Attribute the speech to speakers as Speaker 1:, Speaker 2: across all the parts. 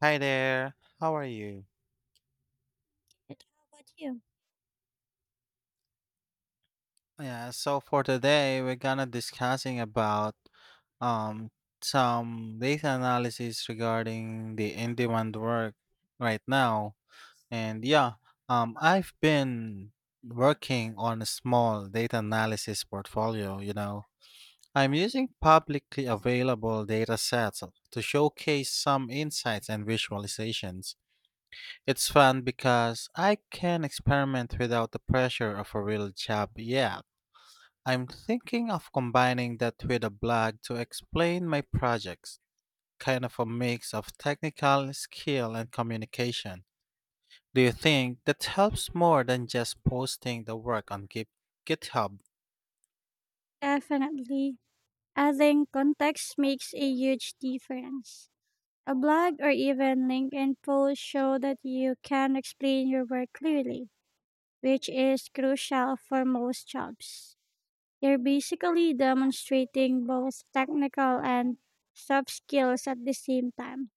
Speaker 1: Hi there. How are you?
Speaker 2: Good. How about you?
Speaker 1: Yeah, so for today we're gonna discussing about um some data analysis regarding the in-demand work right now. And yeah, I've been working on a small data analysis portfolio. I'm using publicly available data sets to showcase some insights and visualizations. It's fun because I can experiment without the pressure of a real job yet. I'm thinking of combining that with a blog to explain my projects, kind of a mix of technical skill and communication. Do you think that helps more than just posting the work on GitHub?
Speaker 2: Definitely, I think context makes a huge difference. A blog or even LinkedIn post show that you can explain your work clearly, which is crucial for most jobs. You're basically demonstrating both technical and soft skills at the same time.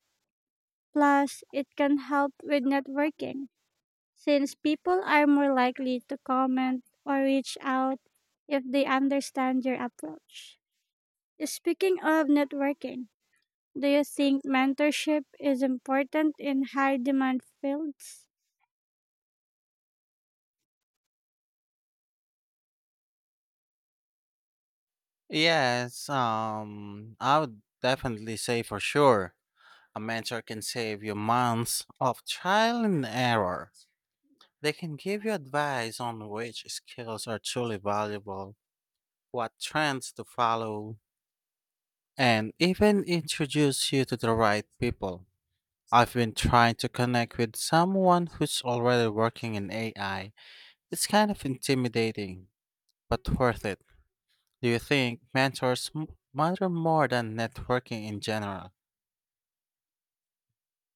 Speaker 2: Plus, it can help with networking, since people are more likely to comment or reach out if they understand your approach. Speaking of networking, do you think mentorship is important in high demand fields?
Speaker 1: Yes, I would definitely say for sure. A mentor can save you months of trial and error. They can give you advice on which skills are truly valuable, what trends to follow, and even introduce you to the right people. I've been trying to connect with someone who's already working in AI. It's kind of intimidating, but worth it. Do you think mentors matter more than networking in general?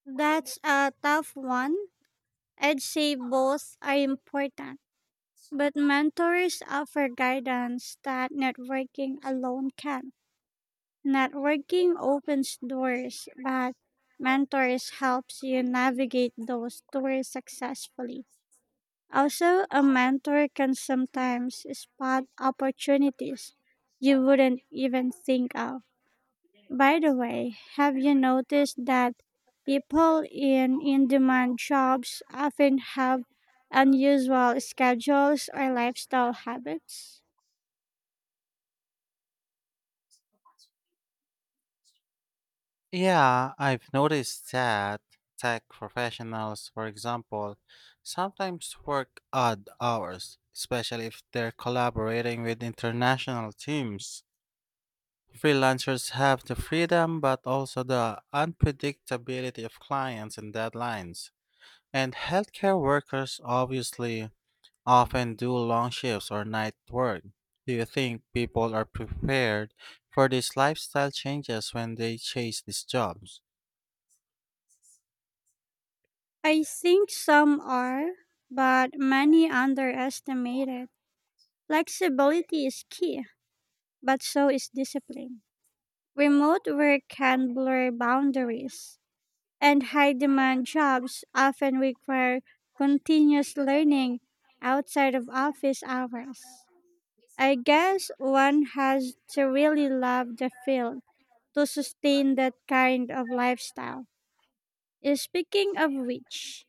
Speaker 2: That's a tough one. I'd say both are important, but mentors offer guidance that networking alone can. Networking opens doors, but mentors helps you navigate those doors successfully. Also, a mentor can sometimes spot opportunities you wouldn't even think of. By the way, have you noticed that people in demand jobs often have unusual schedules or lifestyle habits?
Speaker 1: Yeah, I've noticed that tech professionals, for example, sometimes work odd hours, especially if they're collaborating with international teams. Freelancers have the freedom but also the unpredictability of clients and deadlines. And healthcare workers obviously often do long shifts or night work. Do you think people are prepared for these lifestyle changes when they chase these jobs?
Speaker 2: I think some are, but many underestimate it. Flexibility is key, but so is discipline. Remote work can blur boundaries and high demand jobs often require continuous learning outside of office hours. I guess one has to really love the field to sustain that kind of lifestyle. Speaking of which,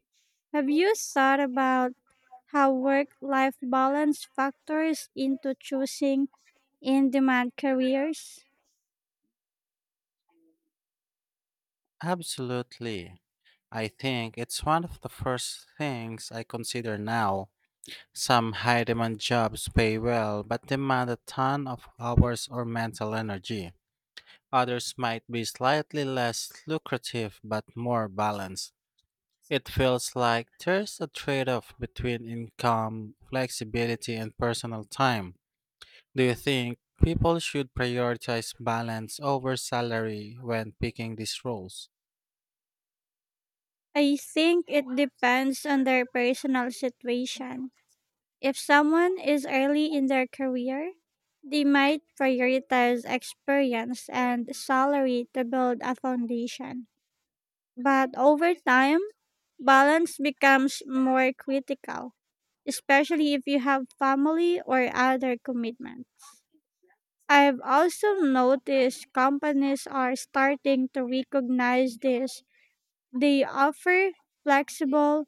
Speaker 2: have you thought about how work life balance factors into choosing in demand careers?
Speaker 1: Absolutely. I think it's one of the first things I consider now. Some high demand jobs pay well but demand a ton of hours or mental energy. Others might be slightly less lucrative but more balanced. It feels like there's a trade off between income, flexibility, and personal time. Do you think people should prioritize balance over salary when picking these roles?
Speaker 2: I think it depends on their personal situation. If someone is early in their career, they might prioritize experience and salary to build a foundation. But over time, balance becomes more critical, especially if you have family or other commitments. I've also noticed companies are starting to recognize this. They offer flexible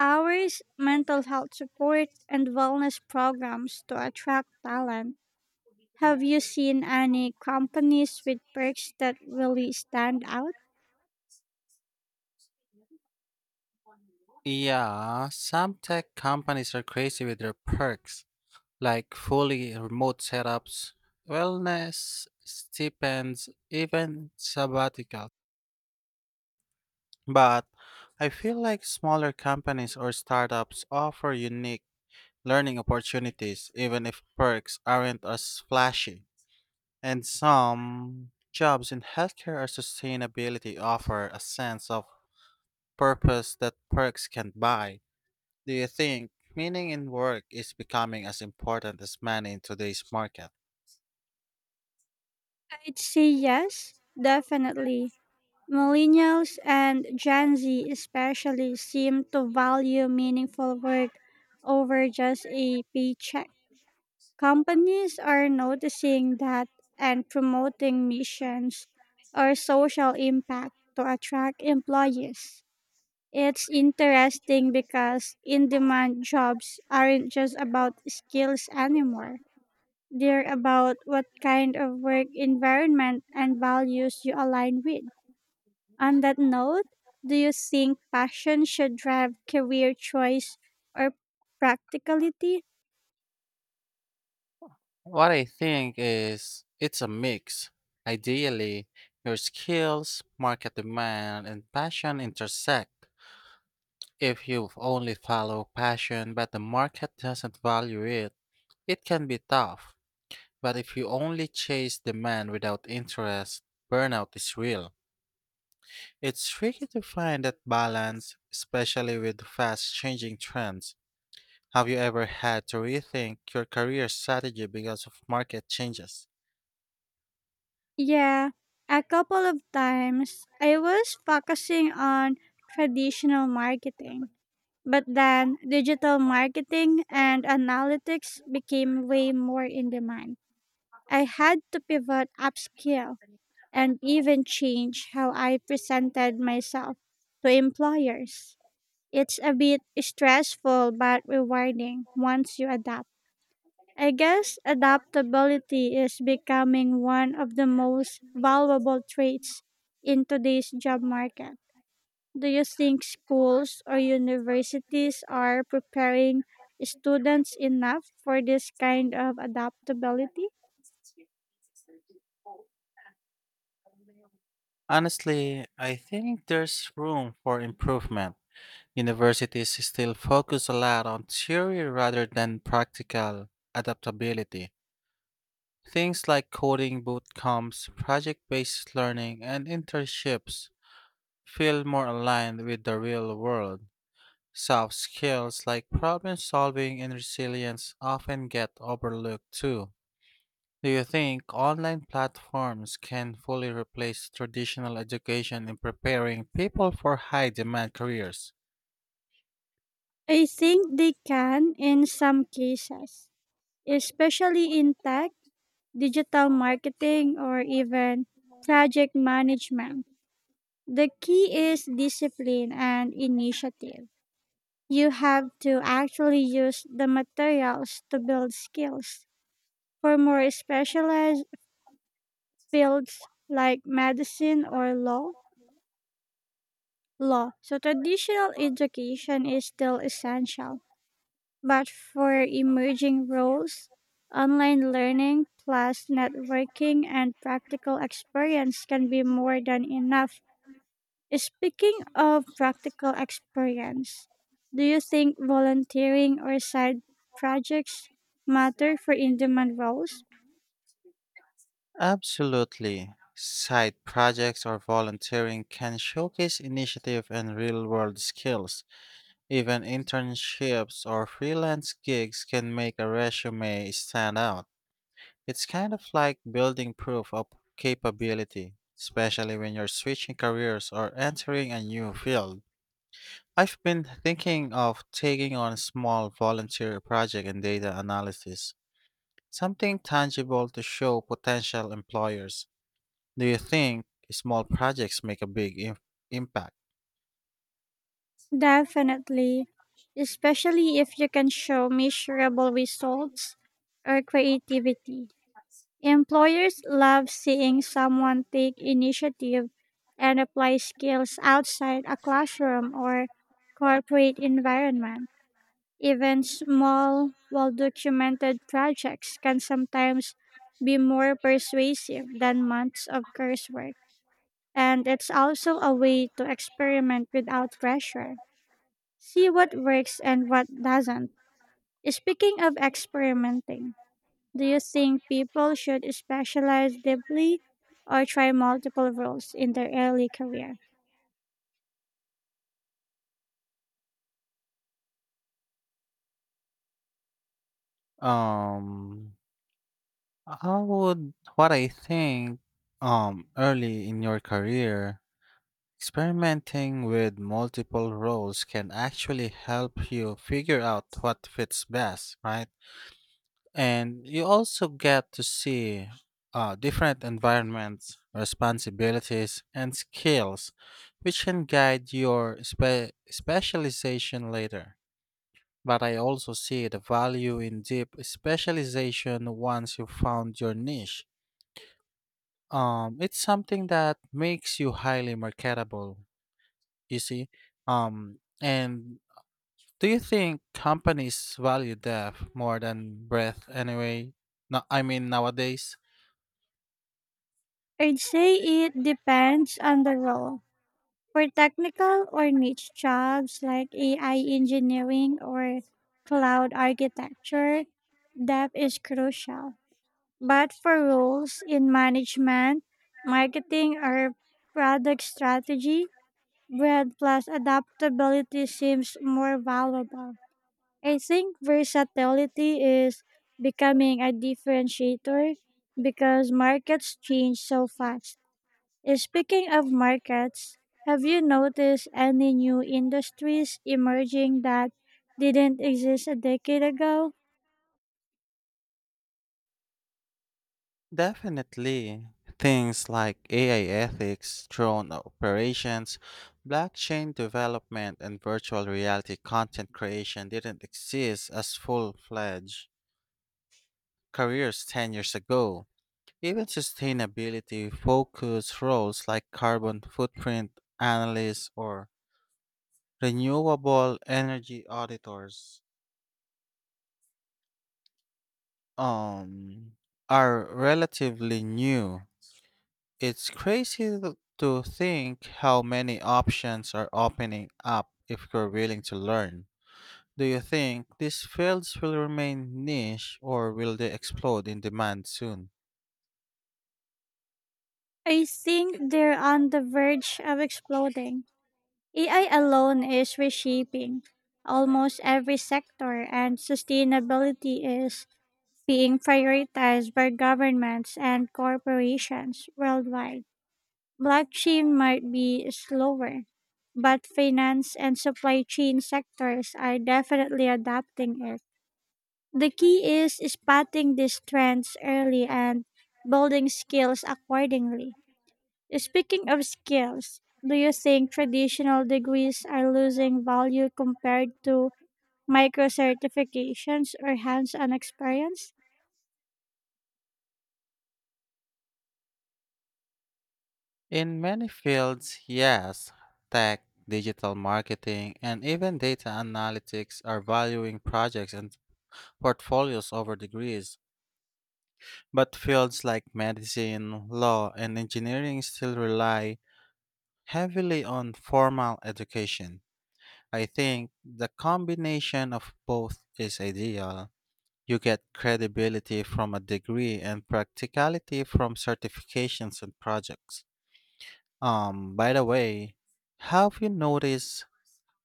Speaker 2: ours, mental health support, and wellness programs to attract talent. Have you seen any companies with perks that really stand out?
Speaker 1: Yeah, some tech companies are crazy with their perks, like fully remote setups, wellness, stipends, even sabbatical. But I feel like smaller companies or startups offer unique learning opportunities, even if perks aren't as flashy. And some jobs in healthcare or sustainability offer a sense of purpose that perks can't buy. Do you think meaning in work is becoming as important as money in today's market?
Speaker 2: I'd say yes, definitely. Millennials and Gen Z especially seem to value meaningful work over just a paycheck. Companies are noticing that and promoting missions or social impact to attract employees. It's interesting because in demand jobs aren't just about skills anymore. They're about what kind of work environment and values you align with. On that note, do you think passion should drive career choice or practicality?
Speaker 1: What I think is it's a mix. Ideally, your skills, market demand, and passion intersect. If you only follow passion but the market doesn't value it, it can be tough. But if you only chase demand without interest, burnout is real. It's tricky to find that balance, especially with fast changing trends. Have you ever had to rethink your career strategy because of market changes?
Speaker 2: Yeah, a couple of times. I was focusing on traditional marketing, but then digital marketing and analytics became way more in demand. I had to pivot, upskill, and even change how I presented myself to employers. It's a bit stressful but rewarding once you adapt. I guess adaptability is becoming one of the most valuable traits in today's job market. Do you think schools or universities are preparing students enough for this kind of adaptability?
Speaker 1: Honestly, I think there's room for improvement. Universities still focus a lot on theory rather than practical adaptability. Things like coding bootcamps, project based learning, and internships feel more aligned with the real world. Soft skills like problem solving and resilience often get overlooked too. Do you think online platforms can fully replace traditional education in preparing people for high demand careers?
Speaker 2: I think they can in some cases, especially in tech, digital marketing, or even project management. The key is discipline and initiative. You have to actually use the materials to build skills. For more specialized fields like medicine or law. So traditional education is still essential, but for emerging roles, online learning plus networking and practical experience can be more than enough. Speaking of practical experience, do you think volunteering or side projects matter for in demand roles?
Speaker 1: Absolutely. Side projects or volunteering can showcase initiative and real world skills. Even internships or freelance gigs can make a resume stand out. It's kind of like building proof of capability, especially when you're switching careers or entering a new field. I've been thinking of taking on a small volunteer project in data analysis, something tangible to show potential employers. Do you think small projects make a big impact?
Speaker 2: Definitely, especially if you can show measurable results or creativity. Employers love seeing someone take initiative and apply skills outside a classroom or corporate environment. Even small, well documented projects can sometimes be more persuasive than months of coursework. And it's also a way to experiment without pressure. See what works and what doesn't. Speaking of experimenting, do you think people should specialize deeply or try multiple roles in their early career?
Speaker 1: Um, I would what I think early in your career, experimenting with multiple roles can actually help you figure out what fits best, right? And you also get to see different environments, responsibilities, and skills, which can guide your specialization later. But I also see the value in deep specialization once you found your niche. It's something that makes you highly marketable, you see. And do you think companies value depth more than breadth anyway? No, I mean nowadays.
Speaker 2: I'd say it depends on the role. For technical or niche jobs like AI engineering or cloud architecture, depth is crucial. But for roles in management, marketing, or product strategy, breadth plus adaptability seems more valuable. I think versatility is becoming a differentiator because markets change so fast. Speaking of markets, have you noticed any new industries emerging that didn't exist a decade ago?
Speaker 1: Definitely. Things like AI ethics, drone operations, blockchain development, and virtual reality content creation didn't exist as full fledged careers 10 years ago. Even sustainability focused roles like carbon footprint analysts or renewable energy auditors um, are relatively new. It's crazy to think how many options are opening up if you're willing to learn. Do you think these fields will remain niche or will they explode in demand soon?
Speaker 2: I think they're on the verge of exploding. AI alone is reshaping almost every sector, and sustainability is being prioritized by governments and corporations worldwide. Blockchain might be slower, but finance and supply chain sectors are definitely adapting it. The key is spotting these trends early and building skills accordingly. Speaking of skills, do you think traditional degrees are losing value compared to micro certifications or hands on experience?
Speaker 1: In many fields, yes. Tech, digital marketing, and even data analytics are valuing projects and portfolios over degrees. But fields like medicine, law, and engineering still rely heavily on formal education. I think the combination of both is ideal. You get credibility from a degree and practicality from certifications and projects. By the way, have you noticed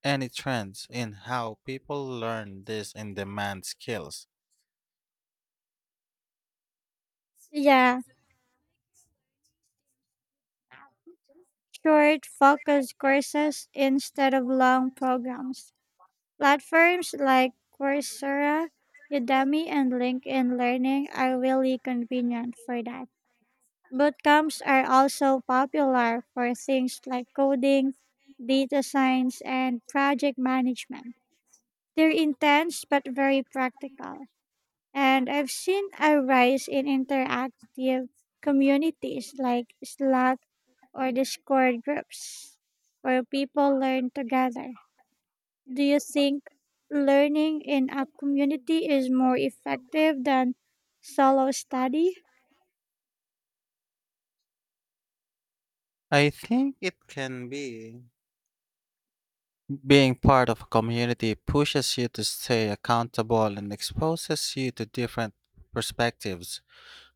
Speaker 1: any trends in how people learn these in demand skills?
Speaker 2: Yeah, short, focused courses instead of long programs. Platforms like Coursera, Udemy, and LinkedIn Learning are really convenient for that. Bootcamps are also popular for things like coding, data science, and project management. They're intense but very practical. And I've seen a rise in interactive communities like Slack or Discord groups where people learn together. Do you think learning in a community is more effective than solo study?
Speaker 1: I think it can be. Being part of a community pushes you to stay accountable and exposes you to different perspectives.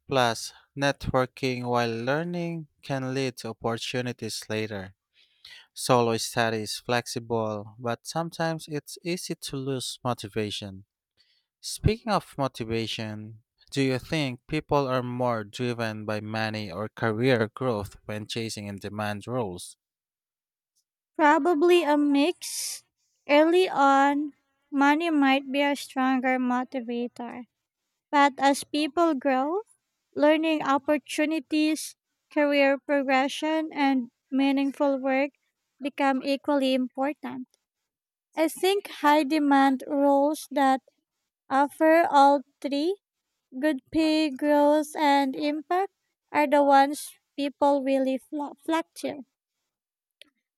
Speaker 1: Plus, networking while learning can lead to opportunities later. Solo study is flexible, but sometimes it's easy to lose motivation. Speaking of motivation, do you think people are more driven by money or career growth when chasing in demand roles?
Speaker 2: Probably a mix. Early on, money might be a stronger motivator, but as people grow, learning opportunities, career progression, and meaningful work become equally important. I think high demand roles that offer all three, good pay, growth, and impact, are the ones people really flock to.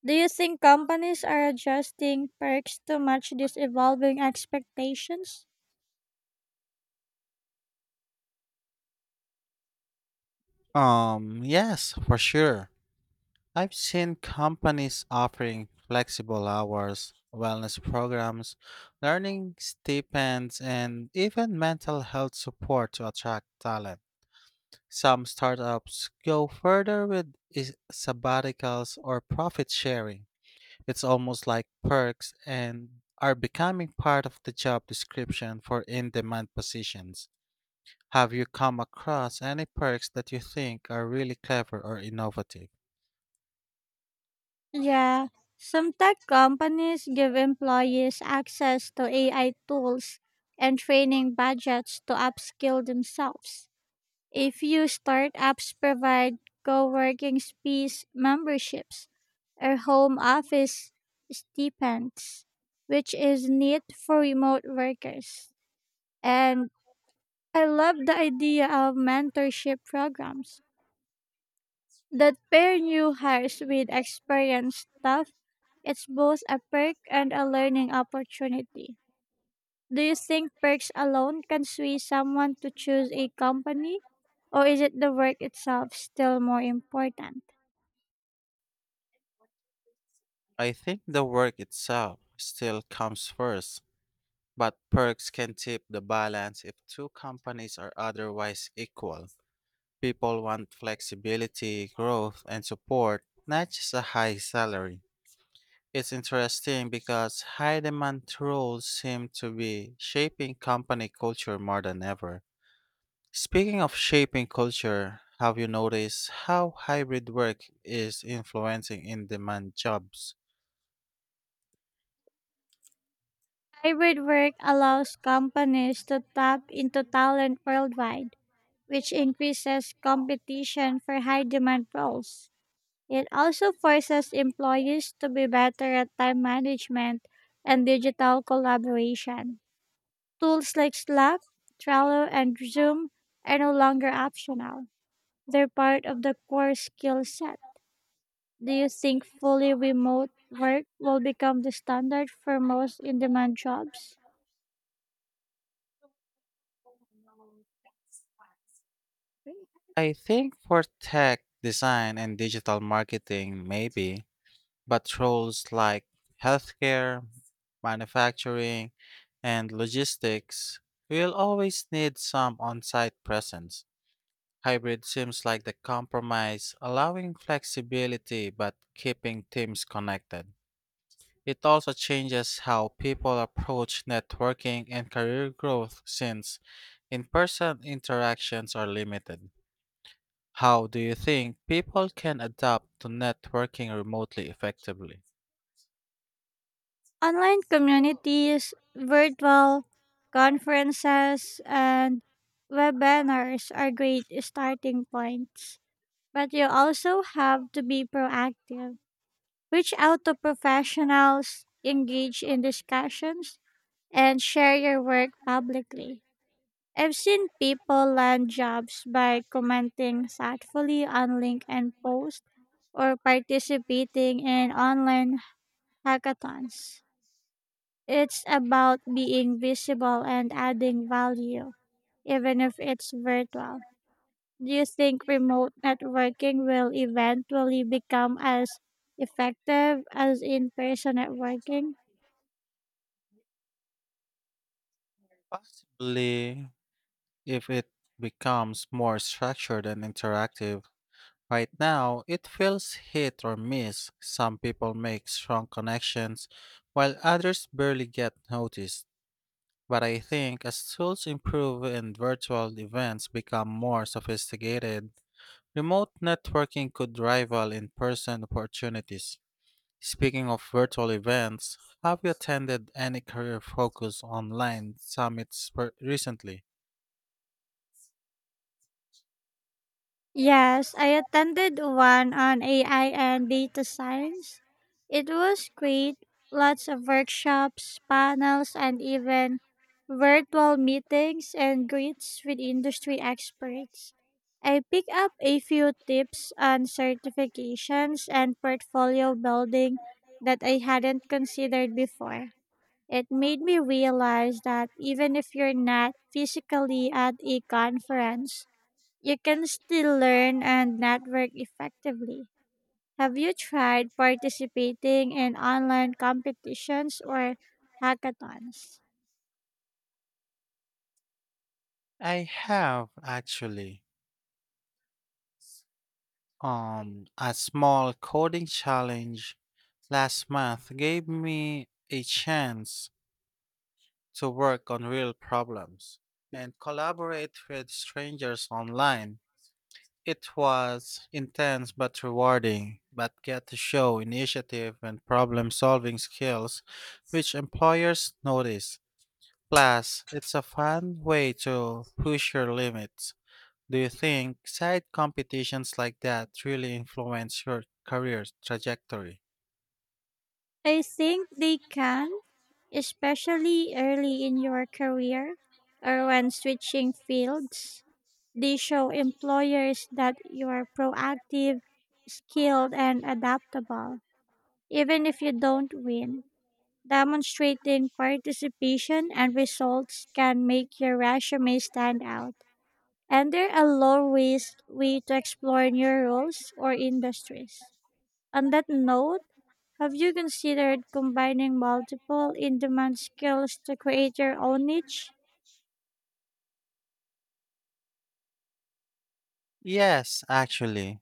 Speaker 2: Do you think companies are adjusting perks to match these evolving expectations?
Speaker 1: Yes, for sure. I've seen companies offering flexible hours, wellness programs, learning stipends, and even mental health support to attract talent. Some startups go further with sabbaticals or profit sharing. It's almost like perks and are becoming part of the job description for in demand positions. Have you come across any perks that you think are really clever or innovative?
Speaker 2: Yeah, some tech companies give employees access to AI tools and training budgets to upskill themselves. A few startups provide co-working space memberships or home office stipends, which is neat for remote workers. And I love the idea of mentorship programs that pair new hires with experienced staff. It's both a perk and a learning opportunity. Do you think perks alone can sway someone to choose a company? Or is it the work itself still more important?
Speaker 1: I think the work itself still comes first, but perks can tip the balance if two companies are otherwise equal. People want flexibility, growth, and support, not just a high salary. It's interesting because high demand roles seem to be shaping company culture more than ever. Speaking of shaping culture, have you noticed how hybrid work is influencing in demand jobs?
Speaker 2: Hybrid work allows companies to tap into talent worldwide, which increases competition for high demand roles. It also forces employees to be better at time management and digital collaboration. Tools like Slack, Trello, and Zoom are no longer optional. They're part of the core skill set. Do you think fully remote work will become the standard for most in demand jobs?
Speaker 1: I think for tech, design, and digital marketing, maybe, but roles like healthcare, manufacturing, and logistics will always need some on site presence. Hybrid seems like the compromise, allowing flexibility but keeping teams connected. It also changes how people approach networking and career growth since in person interactions are limited. How do you think people can adapt to networking remotely effectively?
Speaker 2: Online communities, virtual conferences, and webinars are great starting points. But you also have to be proactive. Reach out to professionals, engage in discussions, and share your work publicly. I've seen people land jobs by commenting thoughtfully on LinkedIn posts or participating in online hackathons. It's about being visible and adding value, even if it's virtual. Do you think remote networking will eventually become as effective as in person networking?
Speaker 1: Possibly if it becomes more structured and interactive. Right now, it feels hit or miss. Some people make strong connections, while others barely get noticed. But I think as tools improve and virtual events become more sophisticated, remote networking could rival in person opportunities. Speaking of virtual events, have you attended any career focus online summits recently?
Speaker 2: Yes, I attended one on AI and data science. It was great. Lots of workshops, panels, and even virtual meetings and greets with industry experts. I picked up a few tips on certifications and portfolio building that I hadn't considered before. It made me realize that even if you're not physically at a conference, you can still learn and network effectively. Have you tried participating in online competitions or hackathons?
Speaker 1: I have actually. A small coding challenge last month gave me a chance to work on real problems and collaborate with strangers online. It was intense but rewarding, but get to show initiative and problem solving skills which employers notice. Plus, it's a fun way to push your limits. Do you think side competitions like that really influence your career trajectory?
Speaker 2: I think they can, especially early in your career or when switching fields. They show employers that you are proactive, skilled, and adaptable, even if you don't win. Demonstrating participation and results can make your resume stand out, and they're a low risk way to explore new roles or industries. On that note, have you considered combining multiple in demand skills to create your own niche?
Speaker 1: Yes, actually.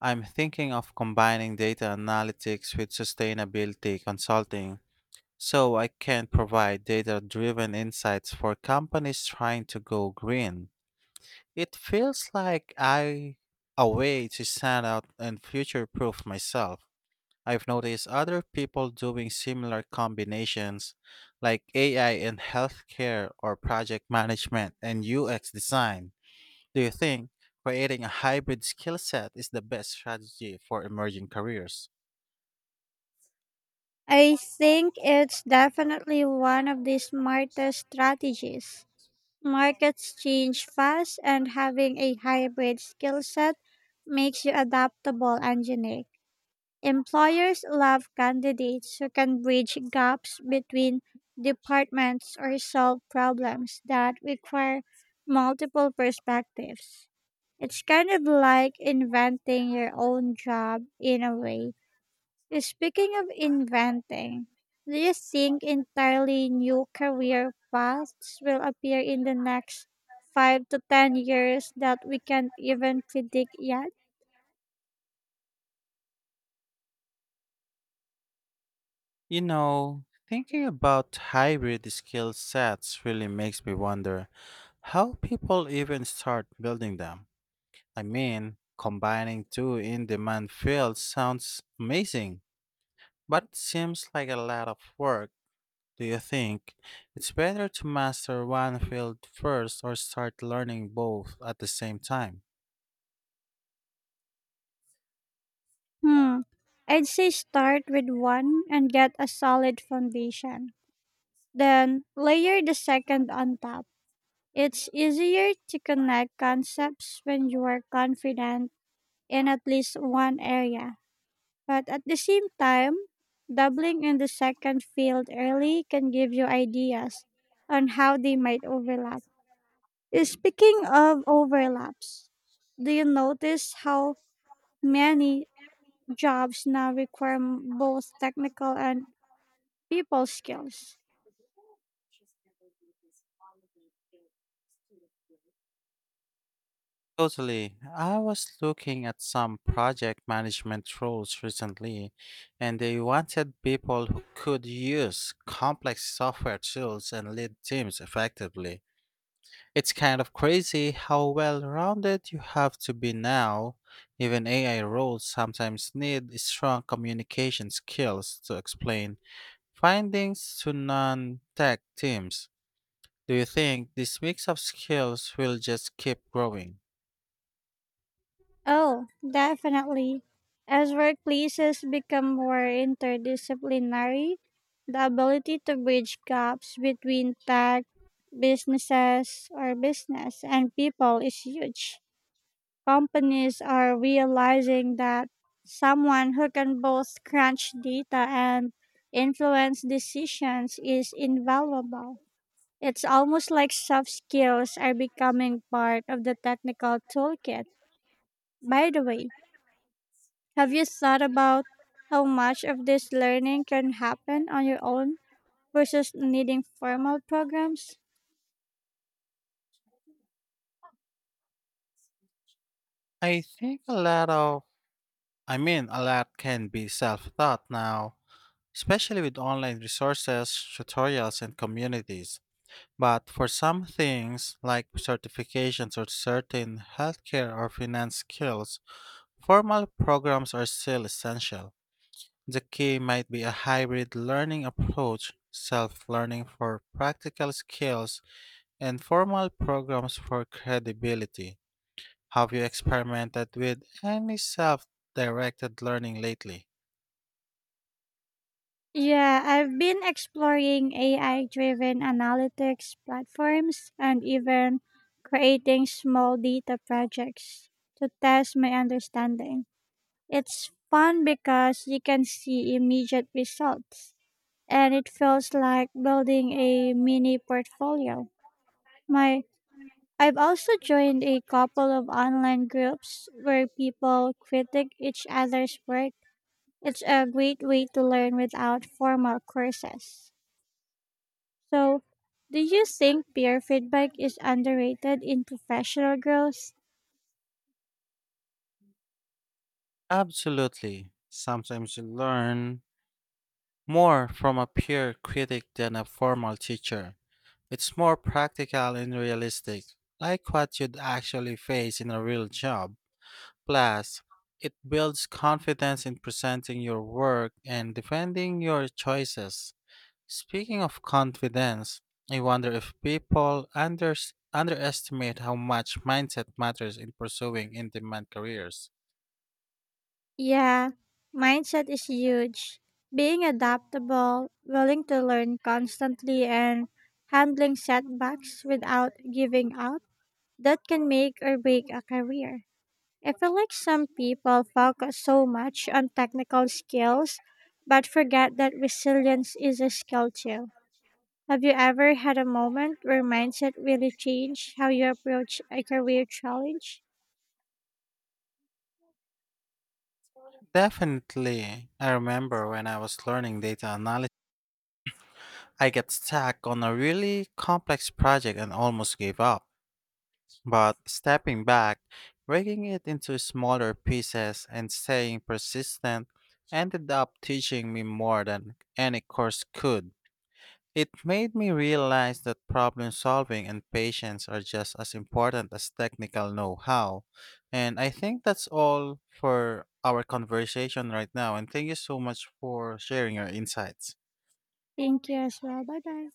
Speaker 1: I'm thinking of combining data analytics with sustainability consulting so I can provide data driven insights for companies trying to go green. It feels like I a way to stand out and future proof myself. I've noticed other people doing similar combinations like AI in healthcare or project management and UX design. Do you think creating a hybrid skill set is the best strategy for emerging careers?
Speaker 2: I think it's definitely one of the smartest strategies. Markets change fast, and having a hybrid skill set makes you adaptable and unique. Employers love candidates who can bridge gaps between departments or solve problems that require multiple perspectives. It's kind of like inventing your own job in a way. Speaking of inventing, do you think entirely new career paths will appear in the next 5 to 10 years that we can't even predict yet?
Speaker 1: You know, thinking about hybrid skill sets really makes me wonder how people even start building them. I mean, combining two in demand fields sounds amazing, but it seems like a lot of work. Do you think it's better to master one field first or start learning both at the same time?
Speaker 2: Hmm. I'd say start with one and get a solid foundation. Then layer the second on top. It's easier to connect concepts when you are confident in at least one area. But at the same time, doubling in the second field early can give you ideas on how they might overlap. Speaking of overlaps, do you notice how many jobs now require both technical and people skills?
Speaker 1: Totally. I was looking at some project management roles recently, and they wanted people who could use complex software tools and lead teams effectively. It's kind of crazy how well rounded you have to be now. Even AI roles sometimes need strong communication skills to explain findings to non tech teams. Do you think this mix of skills will just keep growing?
Speaker 2: Oh, definitely. As workplaces become more interdisciplinary, the ability to bridge gaps between tech, businesses, or business and people is huge. Companies are realizing that someone who can both crunch data and influence decisions is invaluable. It's almost like soft skills are becoming part of the technical toolkit. By the way, have you thought about how much of this learning can happen on your own versus needing formal programs?
Speaker 1: I think a lot of, I mean, a lot can be self taught now, especially with online resources, tutorials, and communities. But for some things, like certifications or certain healthcare or finance skills, formal programs are still essential. The key might be a hybrid learning approach, self learning for practical skills, and formal programs for credibility. Have you experimented with any self directed learning lately?
Speaker 2: Yeah, I've been exploring AI driven analytics platforms and even creating small data projects to test my understanding. It's fun because you can see immediate results and it feels like building a mini portfolio. My I've also joined a couple of online groups where people critique each other's work. It's a great way to learn without formal courses. So, do you think peer feedback is underrated in professional growth?
Speaker 1: Absolutely. Sometimes you learn more from a peer critic than a formal teacher. It's more practical and realistic, like what you'd actually face in a real job. Plus, it builds confidence in presenting your work and defending your choices. Speaking of confidence, I wonder if people unders underestimate how much mindset matters in pursuing in demand careers.
Speaker 2: Yeah, mindset is huge. Being adaptable, willing to learn constantly, and handling setbacks without giving up, that can make or break a career. I feel like some people focus so much on technical skills but forget that resilience is a skill too. Have you ever had a moment where mindset really changed how you approach a career challenge?
Speaker 1: Definitely. I remember when I was learning data analysis, I got stuck on a really complex project and almost gave up. But stepping back, breaking it into smaller pieces, and staying persistent ended up teaching me more than any course could. It made me realize that problem solving and patience are just as important as technical know how. And I think that's all for our conversation right now. And thank you so much for sharing your insights.
Speaker 2: Thank you as well. Bye bye.